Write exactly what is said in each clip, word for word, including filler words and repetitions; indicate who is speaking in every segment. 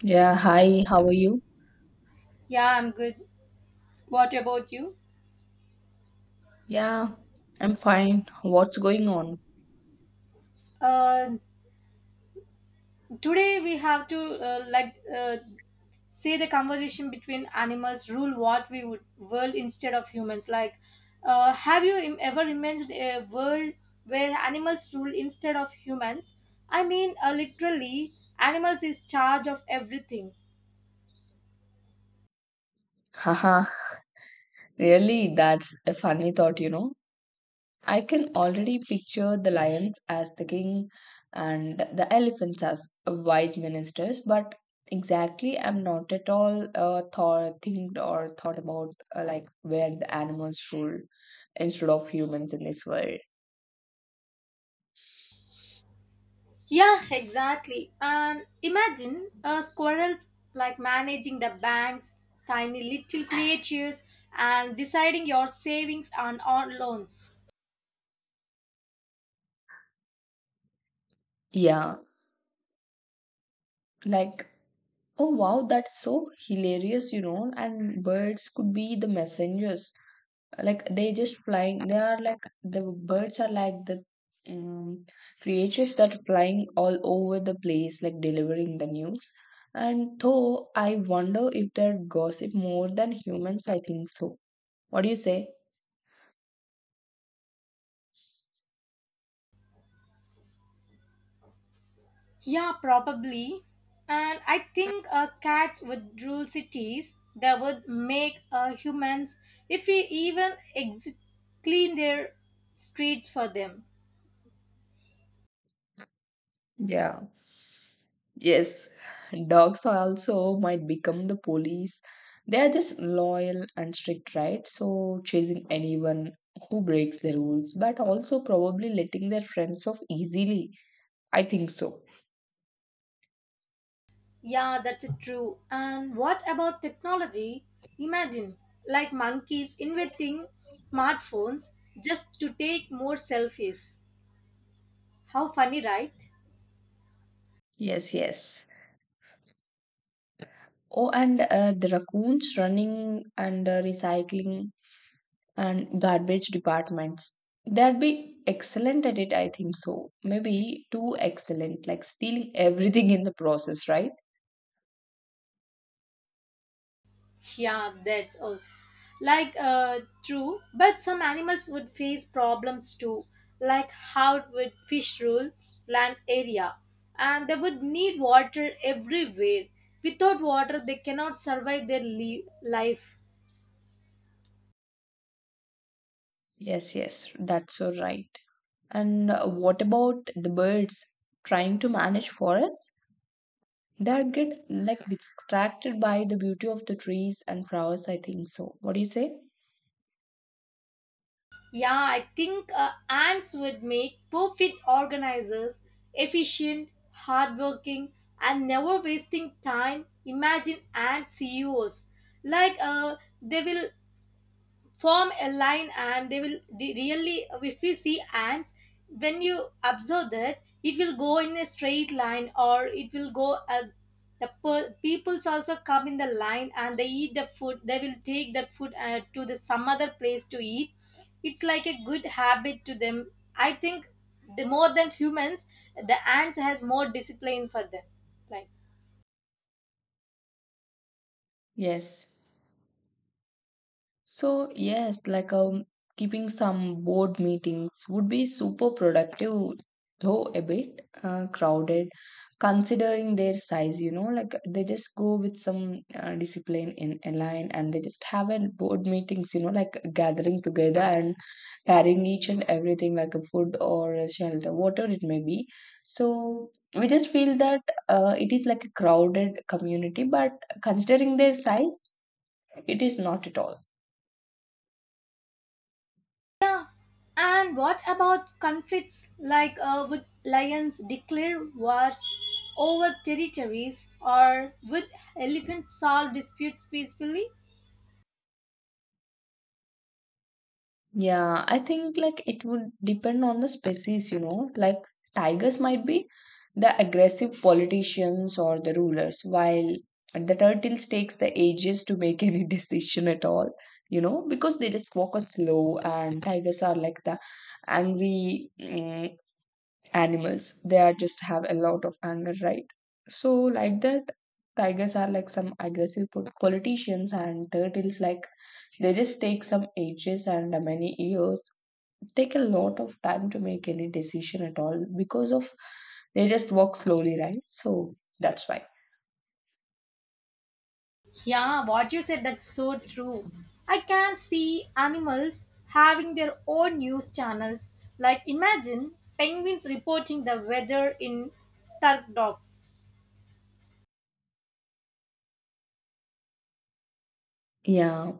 Speaker 1: Yeah, hi, how are you?
Speaker 2: Yeah, I'm good. What about you?
Speaker 1: Yeah, I'm fine. What's going on?
Speaker 2: Uh, today we have to uh, like uh, say the conversation between animals rule what we would world instead of humans. Like, uh, have you im- ever imagined a world where animals rule instead of humans? I mean, uh, literally, animals is charge of everything.
Speaker 1: Haha, really, that's a funny thought, you know. I can already picture the lions as the king and the elephants as wise ministers, but exactly, I'm not at all uh, thought, think or thought about uh, like where the animals rule instead of humans in this world.
Speaker 2: Yeah, exactly. And imagine a squirrels like managing the banks, tiny little creatures, and deciding your savings and on loans.
Speaker 1: Yeah, like, oh wow, that's so hilarious, you know, and birds could be the messengers like they just flying they are like the birds are like the um, creatures that are flying all over the place like delivering the news. And though I wonder if they gossip more than humans, I think so. What do you say?
Speaker 2: Yeah, probably. And I think uh, cats would rule cities. They would make uh, humans, if we even exi- clean their streets for them.
Speaker 1: Yeah, yes, dogs also might become the police. They are just loyal and strict, right? So chasing anyone who breaks the rules, but also probably letting their friends off easily, I think so.
Speaker 2: Yeah, that's it, true. And what about technology? Imagine, like monkeys inventing smartphones just to take more selfies. How funny, right?
Speaker 1: Yes, yes. Oh, and uh, the raccoons running and uh, recycling and garbage departments. They'd be excellent at it, I think so. Maybe too excellent, like stealing everything in the process, right?
Speaker 2: Yeah, that's all. Like, uh, true, but some animals would face problems too, like how would fish rule land area, and they would need water everywhere. Without water, they cannot survive their le- life.
Speaker 1: Yes, yes, that's so right. And uh, what about the birds trying to manage forests? They'd get like distracted by the beauty of the trees and flowers, I think so. What do you say?
Speaker 2: Yeah, I think uh, ants would make perfect organizers, efficient, hardworking, and never wasting time. Imagine ant C E Os. Like uh, they will form a line and they will de- really, if we see ants, when you observe that, it will go in a straight line, or it will go uh, the per- peoples also come in the line and they eat the food. They will take that food uh, to the some other place to eat. It's like a good habit to them, I think. The more than humans, the ants has more discipline for them, like.
Speaker 1: Yes. So, yes, like um, keeping some board meetings would be super productive, though a bit uh, crowded, considering their size, you know, like they just go with some uh, discipline in a line and they just have a board meetings, you know, like gathering together and carrying each and everything like a food or a shelter, whatever it may be. So, we just feel that uh, it is like a crowded community, but considering their size, it is not at all.
Speaker 2: Yeah. And what about conflicts, like uh, would lions declare wars over territories, or would elephants solve disputes peacefully?
Speaker 1: Yeah, I think like it would depend on the species, you know. Like tigers might be the aggressive politicians or the rulers, while the turtles takes the ages to make any decision at all, you know, because they just walk a slow. And tigers are like the angry mm, animals. They are just have a lot of anger, right? So like that, tigers are like some aggressive po- politicians and turtles like, they just take some ages and many years, take a lot of time to make any decision at all because of they just walk slowly, right? So that's why.
Speaker 2: Yeah, what you said, that's so true. I can see animals having their own news channels. Like imagine penguins reporting the weather in turk dogs.
Speaker 1: Yeah,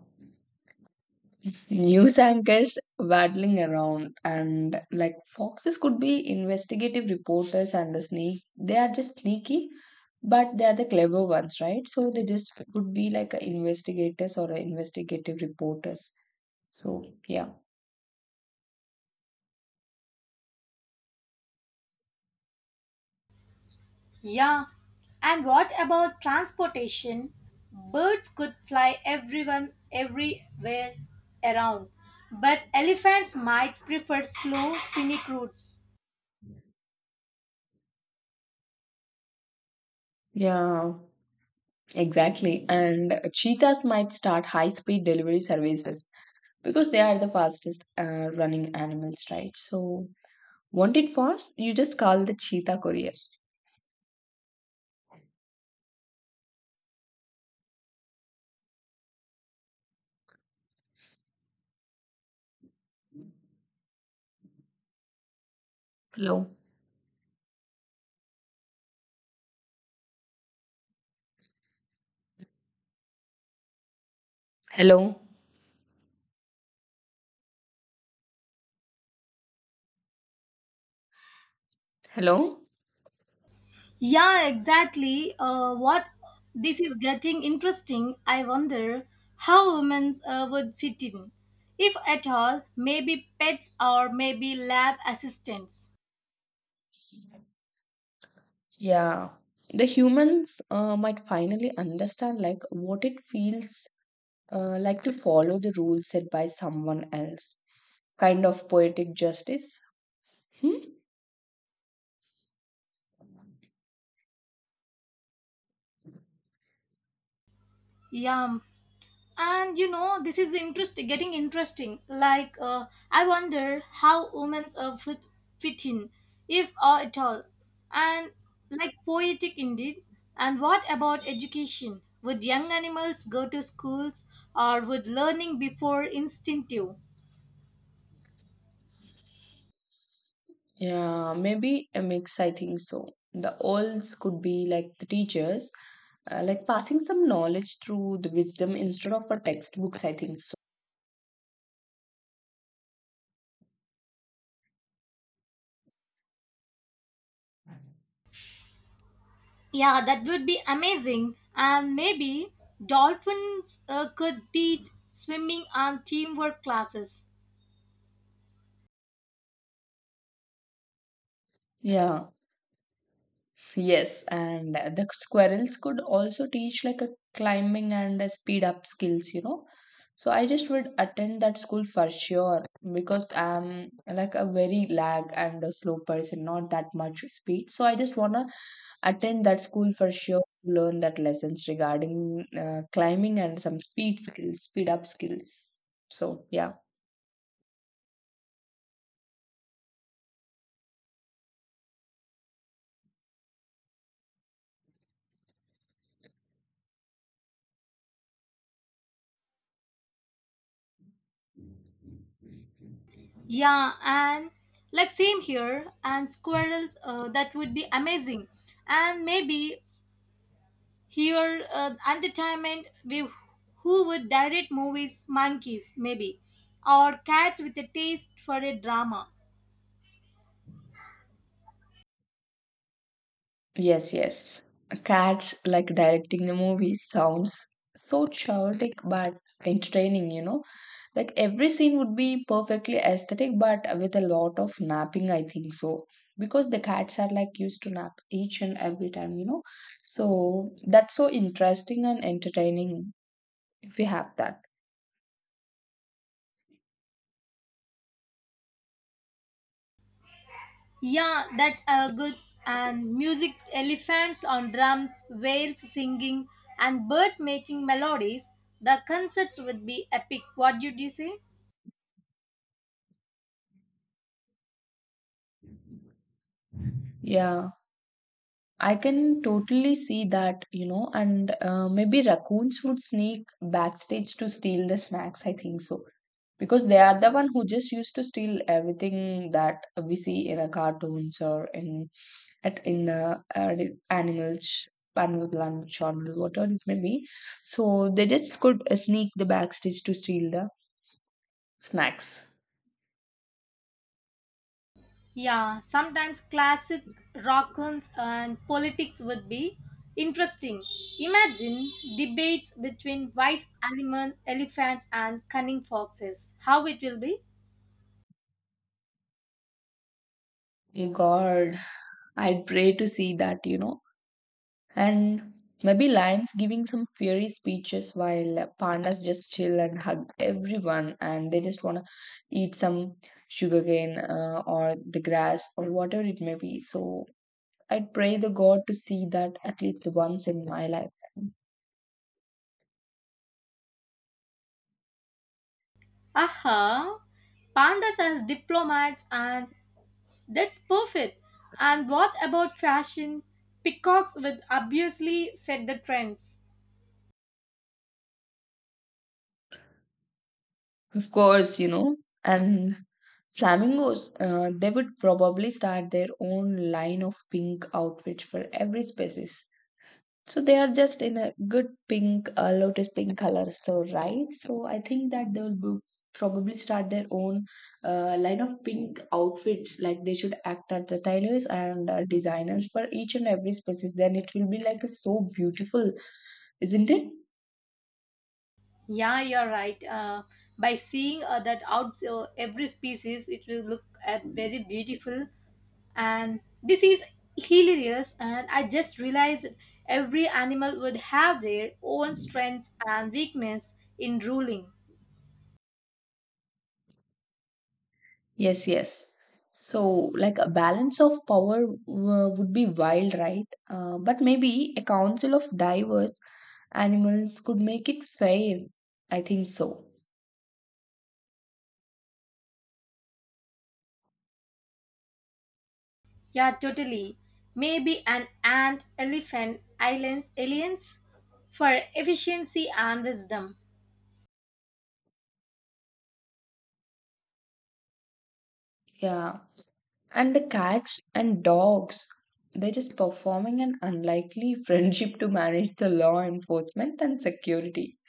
Speaker 1: news anchors waddling around, and like foxes could be investigative reporters. And the snake, they are just sneaky, but they are the clever ones, right? So they just could be like a investigators or a investigative reporters. So yeah.
Speaker 2: Yeah, and what about transportation? Birds could fly everyone everywhere around, but elephants might prefer slow scenic routes.
Speaker 1: Yeah, exactly, and cheetahs might start high speed delivery services because they are the fastest uh, running animals, right? So want it fast, you just call the cheetah courier. Hello? Hello? Hello?
Speaker 2: Yeah, exactly. Uh, what this is getting interesting. I wonder how women uh, would fit in, if at all. Maybe pets or maybe lab assistants.
Speaker 1: Yeah. The humans uh, might finally understand like what it feels uh, like to follow the rules set by someone else. Kind of poetic justice. Hmm?
Speaker 2: Yeah, and you know, this is interesting, getting interesting, like uh, I wonder how women uh, fit, fit in, if or at all, and like, poetic indeed. And what about education? Would young animals go to schools, or would learning before instinctive?
Speaker 1: Yeah, maybe a mix, I think so. The olds could be like the teachers, uh, like passing some knowledge through the wisdom instead of a textbooks, I think so.
Speaker 2: Yeah, that would be amazing. And maybe dolphins uh, could teach swimming and teamwork classes.
Speaker 1: Yeah. Yes, and the squirrels could also teach like a climbing and a speed up skills, you know. So I just would attend that school for sure because I'm like a very lag and a slow person, not that much speed. So I just wanna attend that school for sure to learn that lessons regarding uh, climbing and some speed skills, speed up skills. So yeah.
Speaker 2: Yeah, and like same here, and squirrels, uh, that would be amazing. And maybe here, uh, entertainment, with who would direct movies? Monkeys, maybe, or cats with a taste for a drama.
Speaker 1: Yes, yes. Cats like directing the movie sounds so chaotic but entertaining, you know. Like every scene would be perfectly aesthetic but with a lot of napping, I think so. Because the cats are like used to nap each and every time, you know. So that's so interesting and entertaining if we have that.
Speaker 2: Yeah, that's a good. And music, elephants on drums, whales singing, and birds making melodies. The concerts would be epic. What did you say?
Speaker 1: Yeah. I can totally see that, you know, and uh, maybe raccoons would sneak backstage to steal the snacks. I think so because they are the one who just used to steal everything that we see in a cartoons or in at in uh, uh, animals animal planet channel, whatever it may be. So they just could uh, sneak the backstage to steal the snacks.
Speaker 2: Yeah, sometimes classic rockons. And politics would be interesting. Imagine debates between wise animal elephants and cunning foxes. How it will be?
Speaker 1: Oh god, I pray to see that, you know. And maybe lions giving some fiery speeches while uh, pandas just chill and hug everyone, and they just want to eat some sugarcane uh, or the grass or whatever it may be. So I pray the God to see that at least once in my life.
Speaker 2: Aha! Pandas as diplomats, and that's perfect. And what about fashion? Peacocks would obviously set the trends.
Speaker 1: Of course, you know, and flamingos, uh, they would probably start their own line of pink outfits for every species. So they are just in a good pink, uh, lotus pink color. So right. So I think that they will bo- probably start their own uh, line of pink outfits. Like they should act as the tailors and uh, designers for each and every species. Then it will be like a, so beautiful, isn't it?
Speaker 2: Yeah, you're right. Uh, by seeing uh, that out, uh, every species, it will look uh, very beautiful. And this is hilarious, and I just realized every animal would have their own strengths and weakness in ruling.
Speaker 1: Yes. Yes. So, like a balance of power uh, would be wild, right? Uh, but maybe a council of diverse animals could make it fair. I think so.
Speaker 2: Yeah, totally. Maybe an ant elephant island aliens for efficiency and wisdom.
Speaker 1: Yeah. And the cats and dogs, they're just performing an unlikely friendship to manage the law enforcement and security,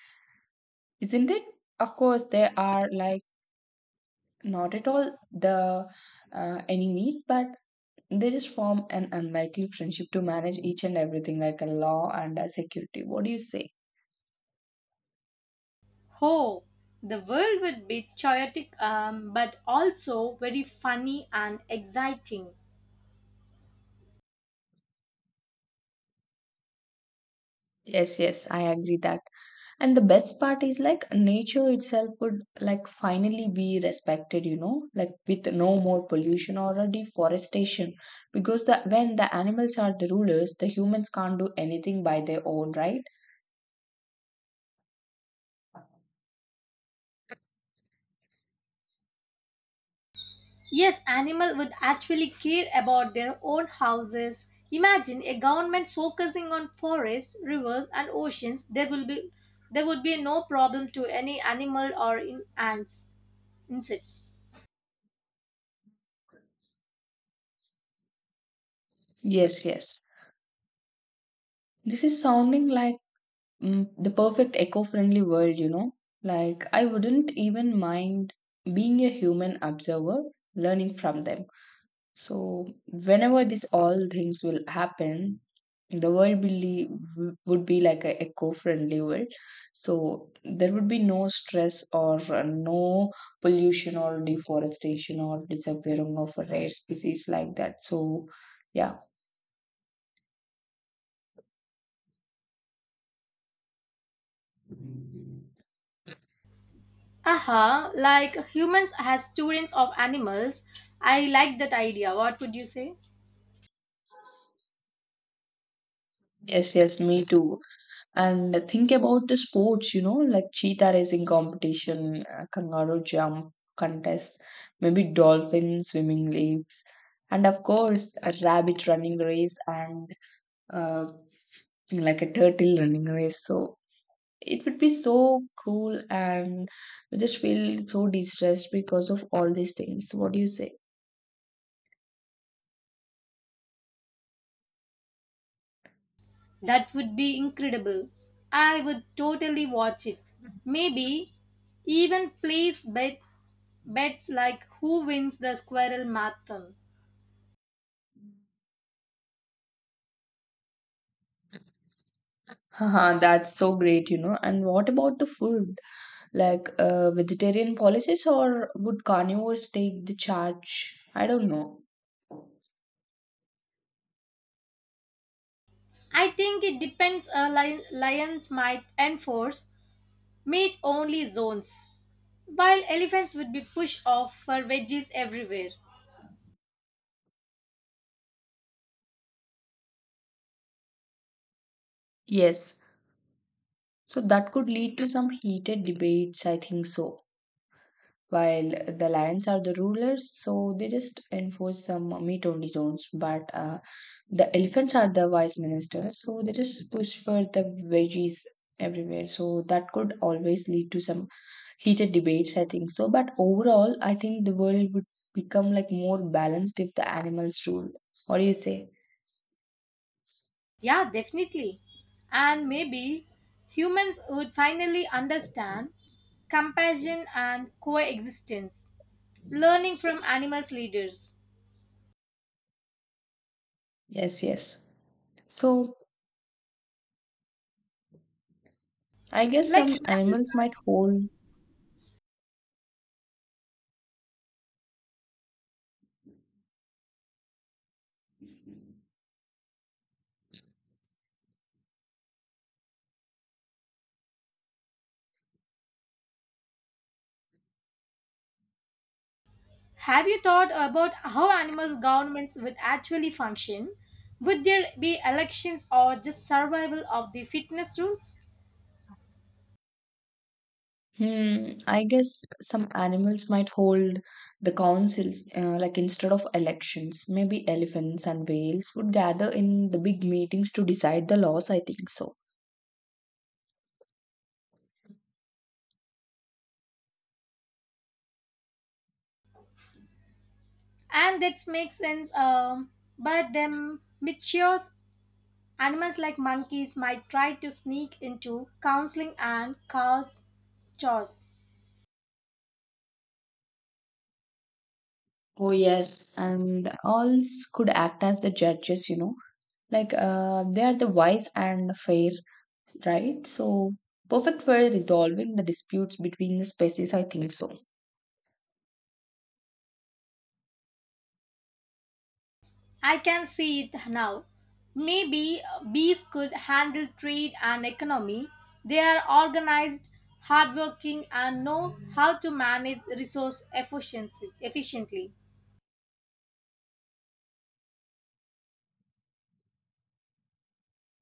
Speaker 1: isn't it? Of course, they are like not at all the uh, enemies, but they just form an unlikely friendship to manage each and everything, like a law and a security. What do you say?
Speaker 2: Oh, the world would be chaotic, um, but also very funny and exciting.
Speaker 1: Yes, yes, I agree that. And the best part is like nature itself would like finally be respected, you know, like with no more pollution or a deforestation. Because the when the animals are the rulers, the humans can't do anything by their own, right?
Speaker 2: Yes, animals would actually care about their own houses. Imagine a government focusing on forests, rivers, and oceans. There will be, there would be no problem to any animal or in ants, insects.
Speaker 1: Yes, yes. This is sounding like mm, the perfect eco-friendly world, you know. Like I wouldn't even mind being a human observer, learning from them. So, whenever these all things will happen, the world will be, would be like a eco-friendly world. So there would be no stress or uh, no pollution or deforestation or disappearing of rare species like that. So yeah,
Speaker 2: Aha, like humans as students of animals. I like that idea. What would you say?
Speaker 1: yes, yes, me too. And think about the sports, you know, like cheetah racing competition, uh, kangaroo jump contests, maybe dolphin swimming leagues, and of course, a rabbit running race and uh, like a turtle running race. So it would be so cool, and we just feel so distressed because of all these things. What do you say?
Speaker 2: That would be incredible. I would totally watch it. Maybe even place bet, bets, like who wins the squirrel marathon.
Speaker 1: Haha, that's so great, you know. And what about the food? Like uh, vegetarian policies or would carnivores take the charge? I don't know.
Speaker 2: I think it depends. Uh, li- lions might enforce meat only zones, while elephants would be pushed off for veggies everywhere.
Speaker 1: Yes, so that could lead to some heated debates, I think so. While the lions are the rulers, so they just enforce some meat only zones, but uh, the elephants are the vice ministers, so they just push for the veggies everywhere. So that could always lead to some heated debates, I think so. But overall, I think the world would become like more balanced if the animals ruled. What do you say?
Speaker 2: Yeah, definitely. And maybe humans would finally understand compassion and coexistence, learning from animals' leaders.
Speaker 1: Yes, yes. so I guess
Speaker 2: Like, have
Speaker 1: some
Speaker 2: you,
Speaker 1: animals might hold
Speaker 2: have you thought about how animal governments would actually function? Would there be elections, or just survival of the fitness rules?
Speaker 1: Hmm, I guess some animals might hold the councils, uh, like instead of elections. Maybe elephants and whales would gather in the big meetings to decide the laws. I think so.
Speaker 2: And that makes sense, um, but them mature animals like monkeys might try to sneak into counseling and cause chores.
Speaker 1: Oh, yes. And owls could act as the judges, you know, like uh, they are the wise and fair, right? So, perfect for resolving the disputes between the species. I think so.
Speaker 2: I can see it now. Maybe bees could handle trade and economy. They are organized, hardworking, and know how to manage resource efficiency efficiently.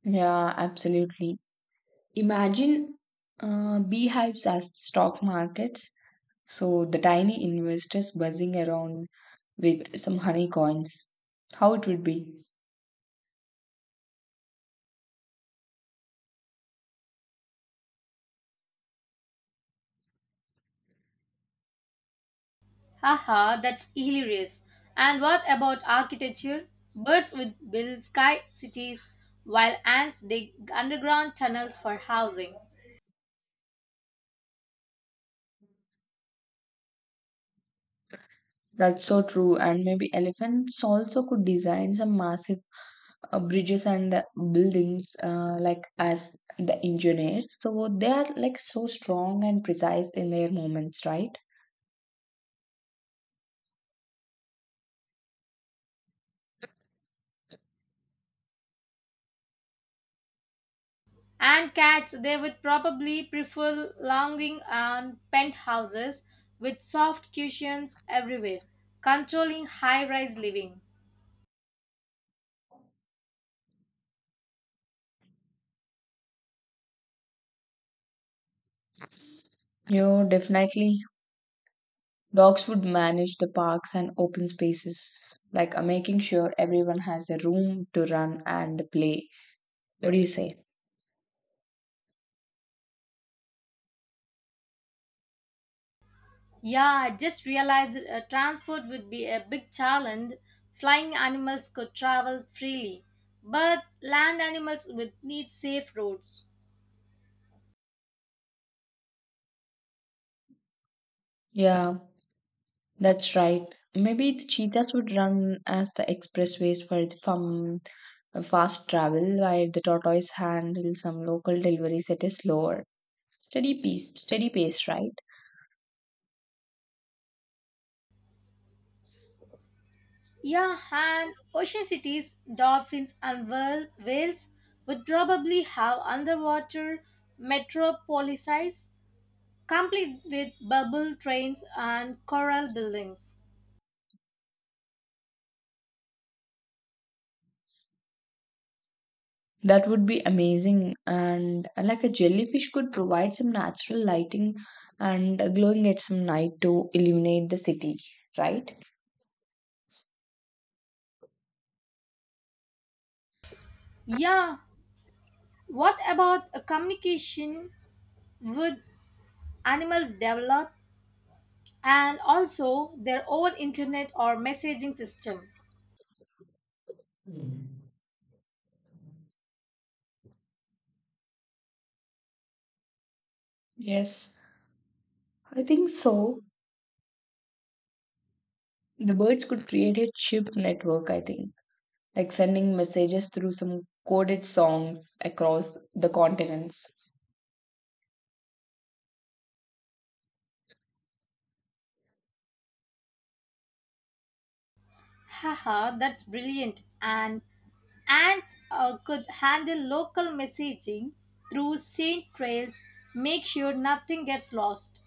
Speaker 1: Yeah, absolutely. Imagine uh, beehives as stock markets. So the tiny investors buzzing around with some honey coins. How it would be.
Speaker 2: Haha, that's hilarious. And what about architecture? Birds would build sky cities, while ants dig underground tunnels for housing.
Speaker 1: That's so true. And maybe elephants also could design some massive uh, bridges and uh, buildings uh, like as the engineers. So they are like so strong and precise in their movements, right?
Speaker 2: And cats, they would probably prefer lounging on penthouses with soft cushions everywhere, controlling high rise living.
Speaker 1: You definitely. Dogs would manage the parks and open spaces, like uh, making sure everyone has a room to run and play. What do you say?
Speaker 2: Yeah, I just realized uh, transport would be a big challenge. Flying animals could travel freely, but land animals would need safe roads.
Speaker 1: Yeah, that's right. Maybe the cheetahs would run as the expressways for the fun, fast travel, while the tortoise handle some local deliveries at a slower, steady pace. Steady pace, right?
Speaker 2: Yeah, and ocean cities, dolphins, and whale- whales would probably have underwater metropolises complete with bubble trains and coral buildings.
Speaker 1: That would be amazing. And like a jellyfish could provide some natural lighting and glowing at some night to illuminate the city, right?
Speaker 2: Yeah, what about a communication? Would animals develop and also their own internet or messaging system?
Speaker 1: Yes, I think so. The birds could create a chip network, I think, like sending messages through some coded songs across the continents.
Speaker 2: Haha, that's brilliant. And and uh, Could handle local messaging through sent trails, make sure nothing gets lost.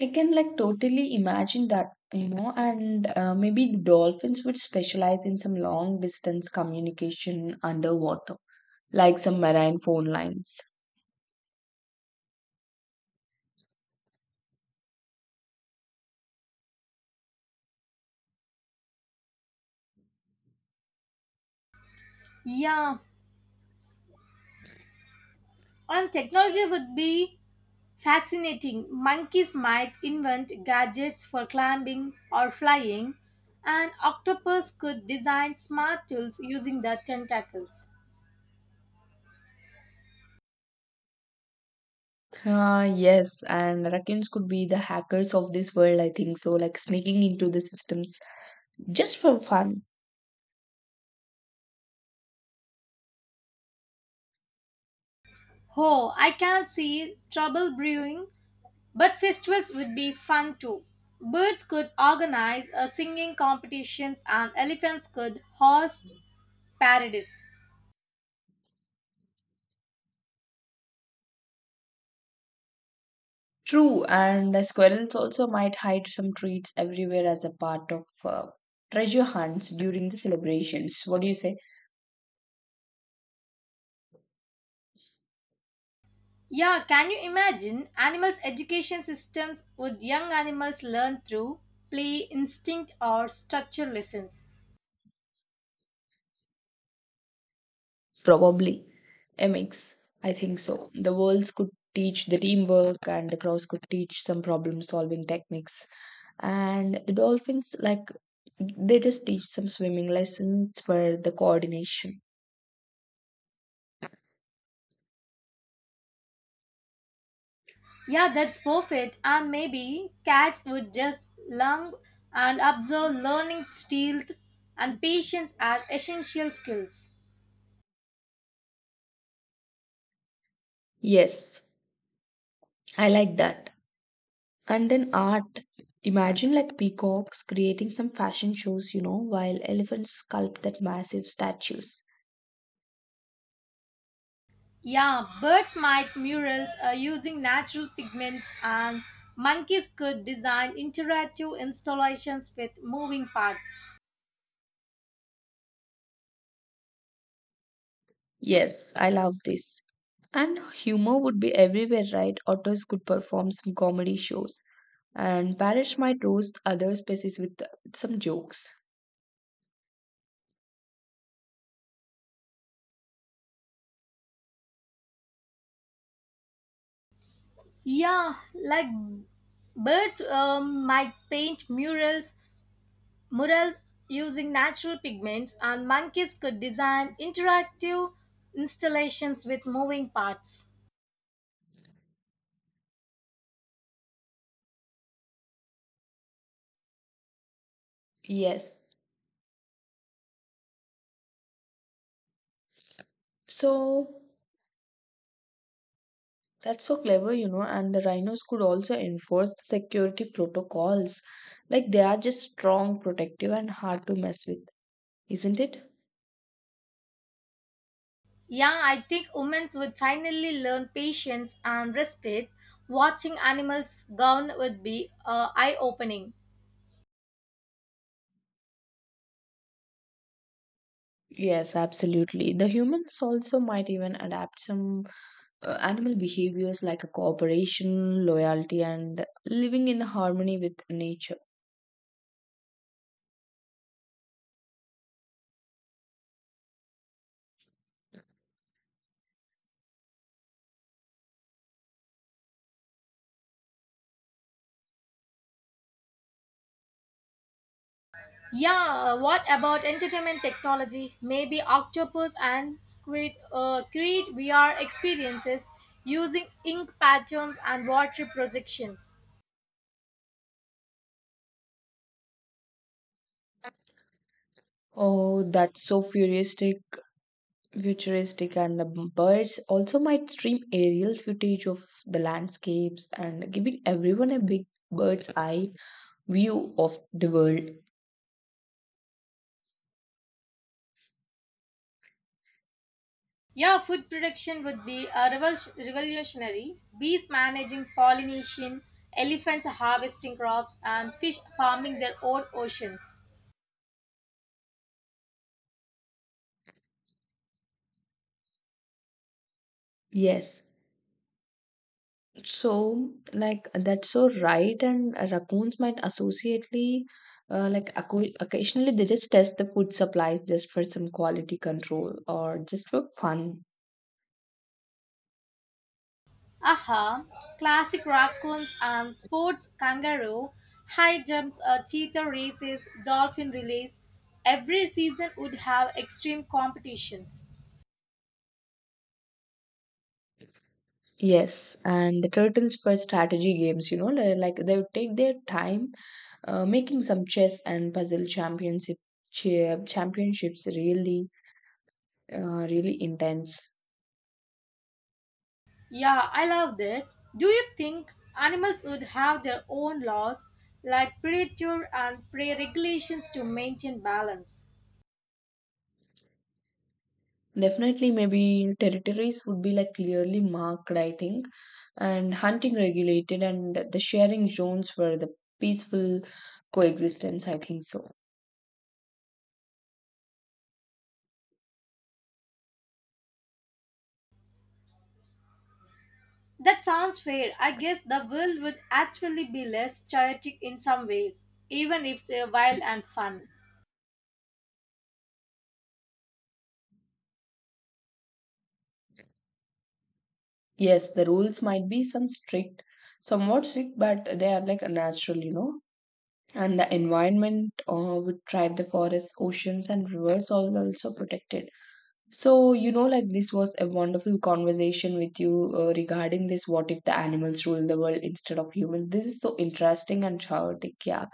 Speaker 1: I can like totally imagine that, you know, and uh, maybe the dolphins would specialize in some long distance communication underwater, like some marine phone lines.
Speaker 2: Yeah, and technology would be fascinating. Monkeys might invent gadgets for climbing or flying, and octopus could design smart tools using their tentacles.
Speaker 1: Uh, yes, and Rakins could be the hackers of this world, I think so, like sneaking into the systems just for fun.
Speaker 2: Oh, I can see trouble brewing. But festivals would be fun too. Birds could organize uh, singing competitions, and elephants could host parades.
Speaker 1: True, and the squirrels also might hide some treats everywhere as a part of uh, treasure hunts during the celebrations. What do you say?
Speaker 2: Yeah, can you imagine? Animals' education systems, would young animals learn through play, instinct, or structure lessons?
Speaker 1: Probably a mix. I think so. The worlds could teach the teamwork, and the crows could teach some problem solving techniques. And the dolphins, like, they just teach some swimming lessons for the coordination.
Speaker 2: Yeah, that's perfect. And maybe cats would just learn and observe, learning stealth and patience as essential skills.
Speaker 1: Yes, I like that. And then art. Imagine like peacocks creating some fashion shows, you know, while elephants sculpt that massive statues.
Speaker 2: Yeah, birds made murals uh, using natural pigments, and monkeys could design interactive installations with moving parts.
Speaker 1: Yes, I love this. And humor would be everywhere, right? Otters could perform some comedy shows, and parrots might roast other species with some jokes.
Speaker 2: Yeah, like birds um, might paint murals, murals using natural pigments, and monkeys could design interactive installations with moving parts.
Speaker 1: Yes. So that's so clever, you know, and the rhinos could also enforce the security protocols. Like they are just strong, protective, and hard to mess with, isn't it?
Speaker 2: Yeah, I think humans would finally learn patience and respect. Watching animals govern would be uh, eye opening.
Speaker 1: Yes, absolutely. The humans also might even adapt some uh, animal behaviors like a cooperation, loyalty, and living in harmony with nature.
Speaker 2: Yeah, uh, what about entertainment technology? Maybe Octopus and Squid uh, create V R experiences using ink patterns and water projections.
Speaker 1: Oh, that's so futuristic, futuristic, and the birds also might stream aerial footage of the landscapes and giving everyone a big bird's eye view of the world.
Speaker 2: Yeah, food production would be a revol- revolutionary. Bees managing pollination, elephants harvesting crops, and fish farming their own oceans.
Speaker 1: Yes. So, like, that's so right. And raccoons might associately, uh, like, acco- occasionally they just test the food supplies just for some quality control or just for fun.
Speaker 2: Aha, classic raccoons and sports, kangaroo high jumps, uh, cheetah races, dolphin relays. Every season would have extreme competitions.
Speaker 1: Yes. And the turtles for strategy games, you know, li- like, they would take their time uh, making some chess and puzzle championship, cha- championships really, uh, really intense.
Speaker 2: Yeah, I loved it. Do you think animals would have their own laws, like predator and prey regulations to maintain balance?
Speaker 1: Definitely, maybe territories would be like clearly marked, I think, and hunting regulated, and the sharing zones for the peaceful coexistence. I think so.
Speaker 2: That sounds fair. I guess the world would actually be less chaotic in some ways, even if it's uh, wild and fun.
Speaker 1: Yes, the rules might be some strict, somewhat strict, but they are like natural, you know. And the environment uh, would thrive. The forests, oceans, and rivers all also protected. So, you know, like this was a wonderful conversation with you uh, regarding this what if the animals rule the world instead of humans. This is so interesting and chaotic. Yeah.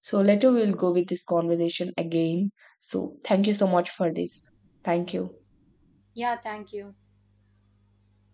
Speaker 1: So, later we'll go with this conversation again. So, thank you so much for this. Thank you.
Speaker 2: Yeah, thank you.